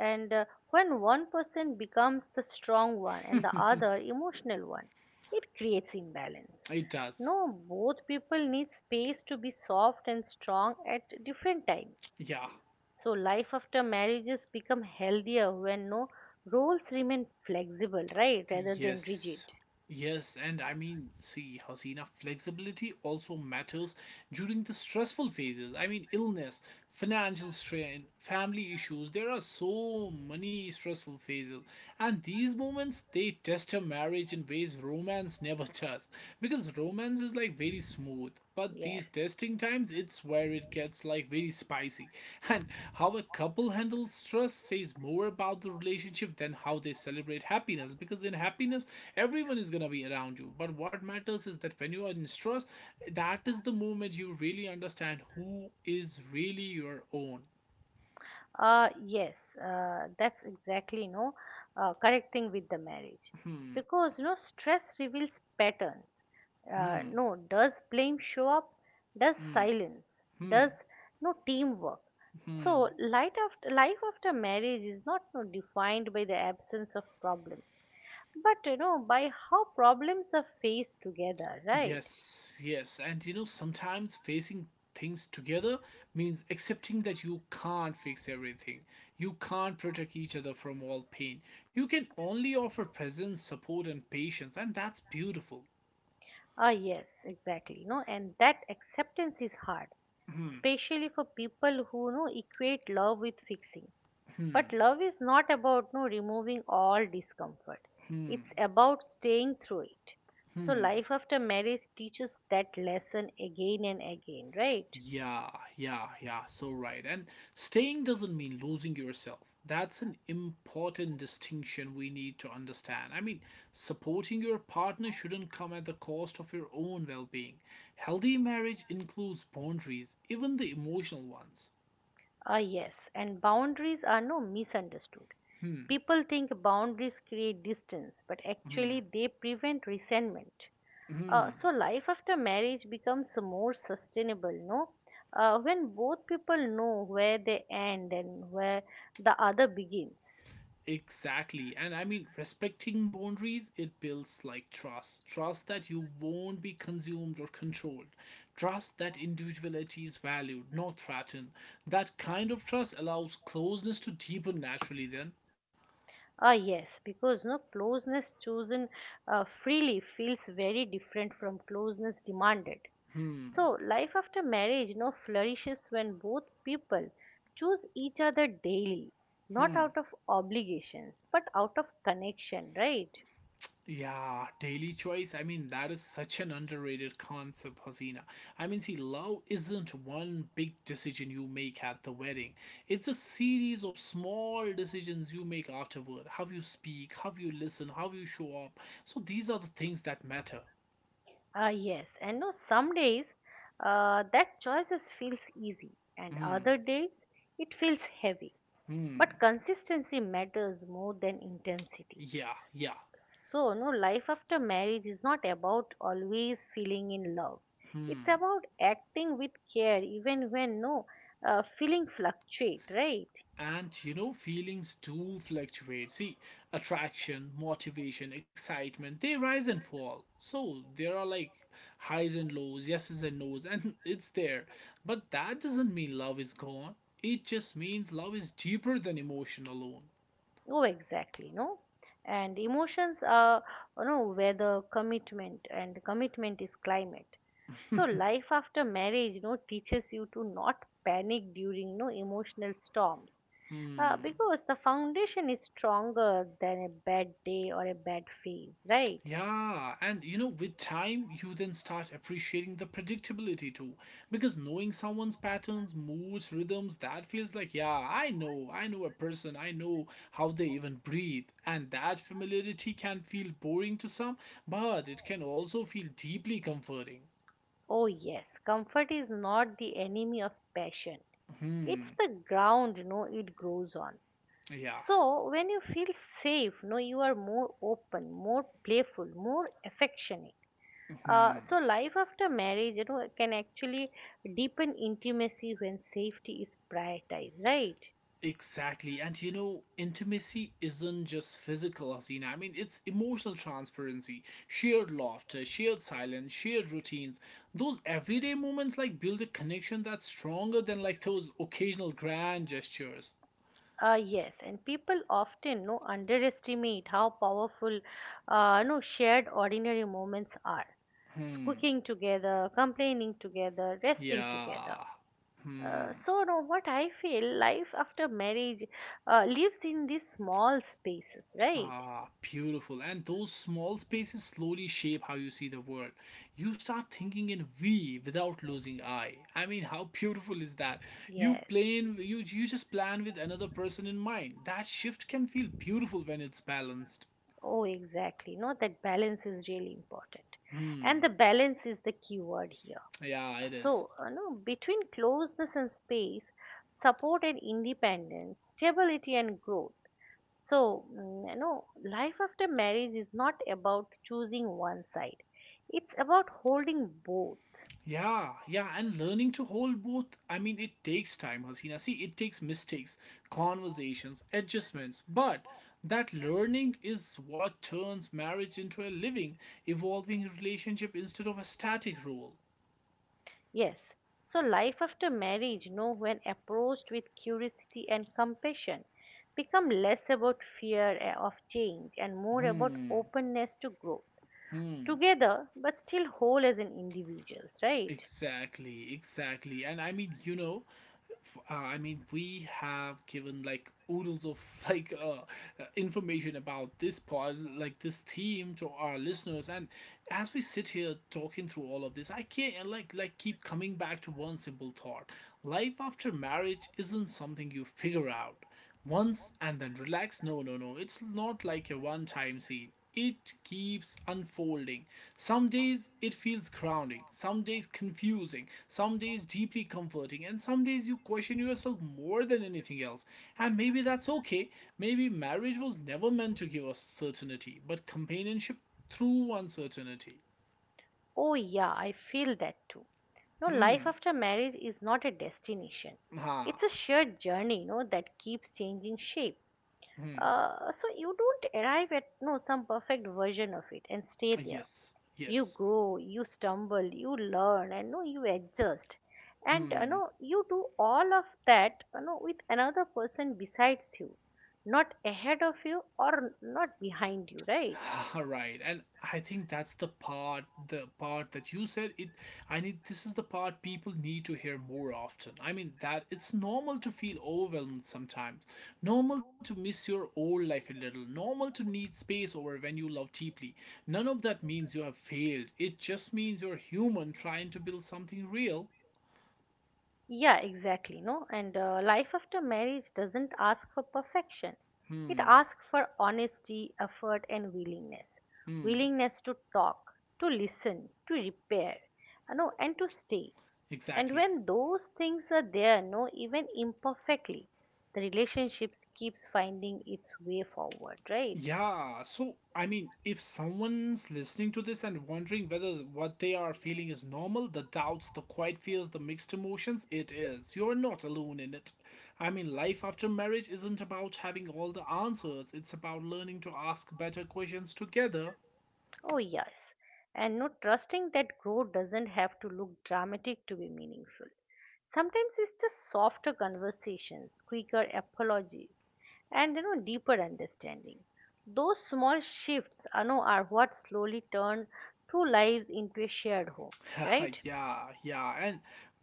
And when one person becomes the strong one and the other emotional one, it creates imbalance. It does. No, both people need space to be soft and strong at different times. Yeah, So life after marriages become healthier when no roles remain flexible, right, rather than rigid. Yes. Yes, and I mean, see, Hasina, flexibility also matters during the stressful phases. I mean, illness, financial strain, family issues. There are so many stressful phases, and these moments they test a marriage in ways romance never does because romance is like very smooth. But Yes. these testing times, it's where it gets like very spicy. And how a couple handles stress says more about the relationship than how they celebrate happiness. Because in happiness, everyone is gonna be around you. But what matters is that when you are in stress, that is the moment you really understand who is really your own. Yes, that's exactly no correct thing with the marriage Hmm, because no stress reveals patterns. hmm, No, does blame show up? Does silence? Does hmm, no teamwork? hmm. So, life after marriage is not no, defined by the absence of problems, but you know, by how problems are faced together, right? Yes, yes. And you know, sometimes facing things together means accepting that you can't fix everything. You can't protect each other from all pain. You can only offer presence, support, and patience, and that's beautiful. Ah, yes, exactly. No, and that acceptance is hard, Hmm, especially for people who no equate love with fixing. hmm, But love is not about no removing all discomfort. hmm, It's about staying through it. So hmm. life after marriage teaches that lesson again and again, right? Yeah, yeah, yeah, so right. And staying doesn't mean losing yourself. That's an important distinction we need to understand. I mean, supporting your partner shouldn't come at the cost of your own well being. Healthy marriage includes boundaries, even the emotional ones. Ah, yes, and boundaries are no misunderstood. Hmm. People think boundaries create distance, but Hmm. actually they prevent resentment. Hmm. So life after marriage becomes more sustainable, no? When both people know where they end and where the other begins. Exactly. And I mean, respecting boundaries, it builds like trust. Trust that you won't be consumed or controlled. Trust that individuality is valued, not threatened. That kind of trust allows closeness to deepen naturally, then. Ah, yes, because no closeness chosen freely feels very different from closeness demanded. So life after marriage, no, flourishes when both people choose each other daily, not out of obligations, but out of connection, right? Yeah, daily choice. I mean, that is such an underrated concept, Hasina. I mean, see, love isn't one big decision you make at the wedding. It's a series of small decisions you make afterward. How you speak, how you listen, how you show up. So these are the things that matter. Yes, and no, some days that choices feels easy, and Hmm. other days it feels heavy. Hmm. But consistency matters more than intensity. Yeah. Yeah. So, no, life after marriage is not about always feeling in love. It's about acting with care, even when no feeling fluctuate, right? And you know feelings do fluctuate. See, attraction, motivation, excitement, they rise and fall, so there are like highs and lows, yeses and nos, and it's there, but that doesn't mean love is gone. It just means love is deeper than emotion alone. Oh, exactly, no? And emotions are, you know, weather, commitment, and commitment is climate. So life after marriage, you know, teaches you to not panic during, no, emotional storms. Because the foundation is stronger than a bad day or a bad phase, right? Yeah, and you know, with time, you then start appreciating the predictability too. Because knowing someone's patterns, moods, rhythms, that feels like, yeah, I know a person, I know how they even breathe. And that familiarity can feel boring to some, but it can also feel deeply comforting. Oh, yes, comfort is not the enemy of passion. It's Hmm, the ground, you know, it grows on. yeah. So, when you feel safe, no, you are more open, more playful, more affectionate. So, life after marriage, you know, can actually deepen intimacy when safety is prioritized, right? Exactly. And you know, intimacy isn't just physical, Hasina. I mean, it's emotional transparency, shared laughter, shared silence, shared routines. Those everyday moments like build a connection that's stronger than like those occasional grand gestures. Yes, and people often no underestimate how powerful, no, shared ordinary moments are. So, cooking together, complaining together, resting together. Yeah. Hmm. So no, what I feel, life after marriage lives in these small spaces, right? Ah, beautiful. And those small spaces slowly shape how you see the world. You start thinking in we without losing I. I mean, how beautiful is that? You Yes. plan, you just plan with another person in mind. That shift can feel beautiful when it's balanced. Oh exactly, no, that balance is really important, and the balance is the key word here. Yeah, it So is. No, between closeness and space, support and independence, stability and growth, so you know, life after marriage is not about choosing one side, it's about holding both. Yeah, yeah, and learning to hold both. I mean, it takes time, Hasina. See, it takes mistakes, conversations, adjustments, but that learning is what turns marriage into a living, evolving relationship instead of a static role. Yes, so life after marriage, no, when approached with curiosity and compassion, become less about fear of change and more about openness to growth. Together, but still whole as an individuals, right? Exactly, exactly. And I mean, I mean, we have given like oodles of like information about this pod, like this theme to our listeners. And as we sit here talking through all of this, I can't like keep coming back to one simple thought: life after marriage isn't something you figure out once and then relax. No, no, no. It's not like a one time scene. It keeps unfolding. Some days it feels grounding, some days confusing, some days deeply comforting, and some days you question yourself more than anything else. And maybe that's okay. Maybe marriage was never meant to give us certainty, but companionship through uncertainty. Oh yeah, I feel that too. No, Hmm. life after marriage is not a destination. Ha. It's a shared journey, no, that keeps changing shape. Hmm. So you don't arrive at no some perfect version of it and stay there. Yes. You Yes. grow, you stumble, you learn, and no, you adjust, and you know, you do all of that, you know, with another person besides you, not ahead of you or not behind you, right? All right. And I think that's the part that you said it, I need, this is the part people need to hear more often. I mean, that it's normal to feel overwhelmed sometimes. Normal to miss your old life a little. Normal to need space over when you love deeply. None of that means you have failed. It just means you're human trying to build something real. Yeah, exactly. No, and Life after marriage doesn't ask for perfection. It asks for honesty, effort, and willingness. Willingness to talk, to listen, to repair, you know, and to stay. And Exactly. when those things are there, no, even imperfectly, the relationships keeps finding its way forward, right? Yeah, so I mean, if someone's listening to this and wondering whether what they are feeling is normal, the doubts, the quiet fears, the mixed emotions, it is. You're not alone in it. I mean, life after marriage isn't about having all the answers, it's about learning to ask better questions together. Oh, yes. And not trusting that growth doesn't have to look dramatic to be meaningful. Sometimes it's just softer conversations, quicker apologies, and you know, deeper understanding. Those small shifts, I know, are what slowly turn two lives into a shared home, right? Yeah, yeah. And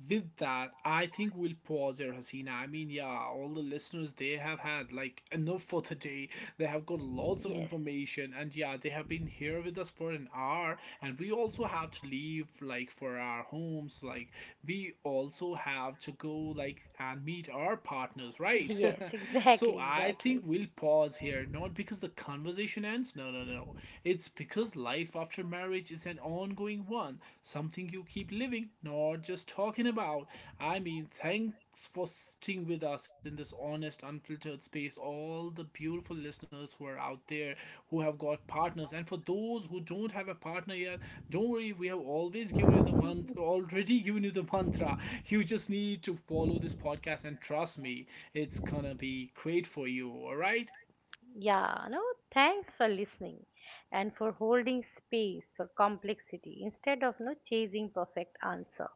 with that, I think we'll pause here, Hasina. I mean, yeah, all the listeners, they have had like enough for the day. They have got lots of Yes. information. And yeah, they have been here with us for an hour. And we also have to leave like for our homes. Like, we also have to go like and meet our partners, right? Yes, So exactly, I think exactly. we'll pause here, not because the conversation ends. No, no, no. It's because life after marriage is an ongoing one, something you keep living, not just talking about. I mean, thanks for sitting with us in this honest, unfiltered space. All the beautiful listeners who are out there who have got partners, and for those who don't have a partner yet, don't worry, we have always given you the month, already given you the mantra. You just need to follow this podcast, and trust me, it's gonna be great for you, alright? Yeah, no, thanks for listening and for holding space for complexity instead of no chasing perfect answer.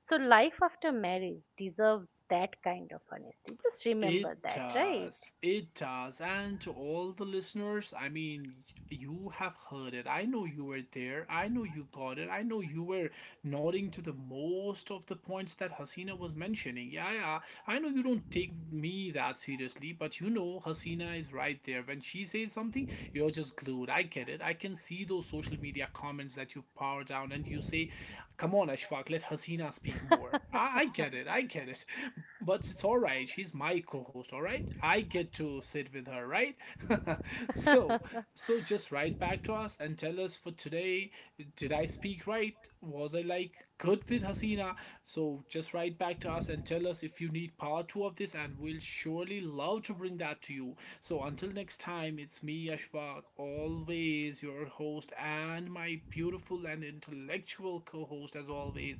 So life after marriage deserves that kind of honesty. Just It remember that, right? does. It does. And to all the listeners, I mean, you have heard it. I know you were there. I know you got it. I know you were nodding to the most of the points that Hasina was mentioning. Yeah, yeah. I know you don't take me that seriously, but you know Hasina is right there. When she says something, you're just glued. I get it. I can see those social media comments that you power down and you say, come on, Ashfaq, let Hasina speak more. I get it, I get it. But it's alright, she's my co host, alright? I get to sit with her, right? So, so just write back to us and tell us, for today did I speak right? Was I like good with Hasina? So, just write back to us and tell us if you need part two of this, and we'll surely love to bring that to you. So until next time, it's me, Ashfaq, always your host, and my beautiful and intellectual co host, as always,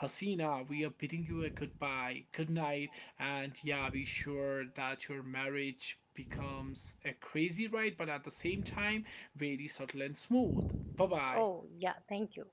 Hasina. We are bidding you a goodbye, good night, and yeah, be sure that your marriage becomes a crazy ride, but at the same time, very subtle and smooth. Bye bye. Oh, yeah, thank you.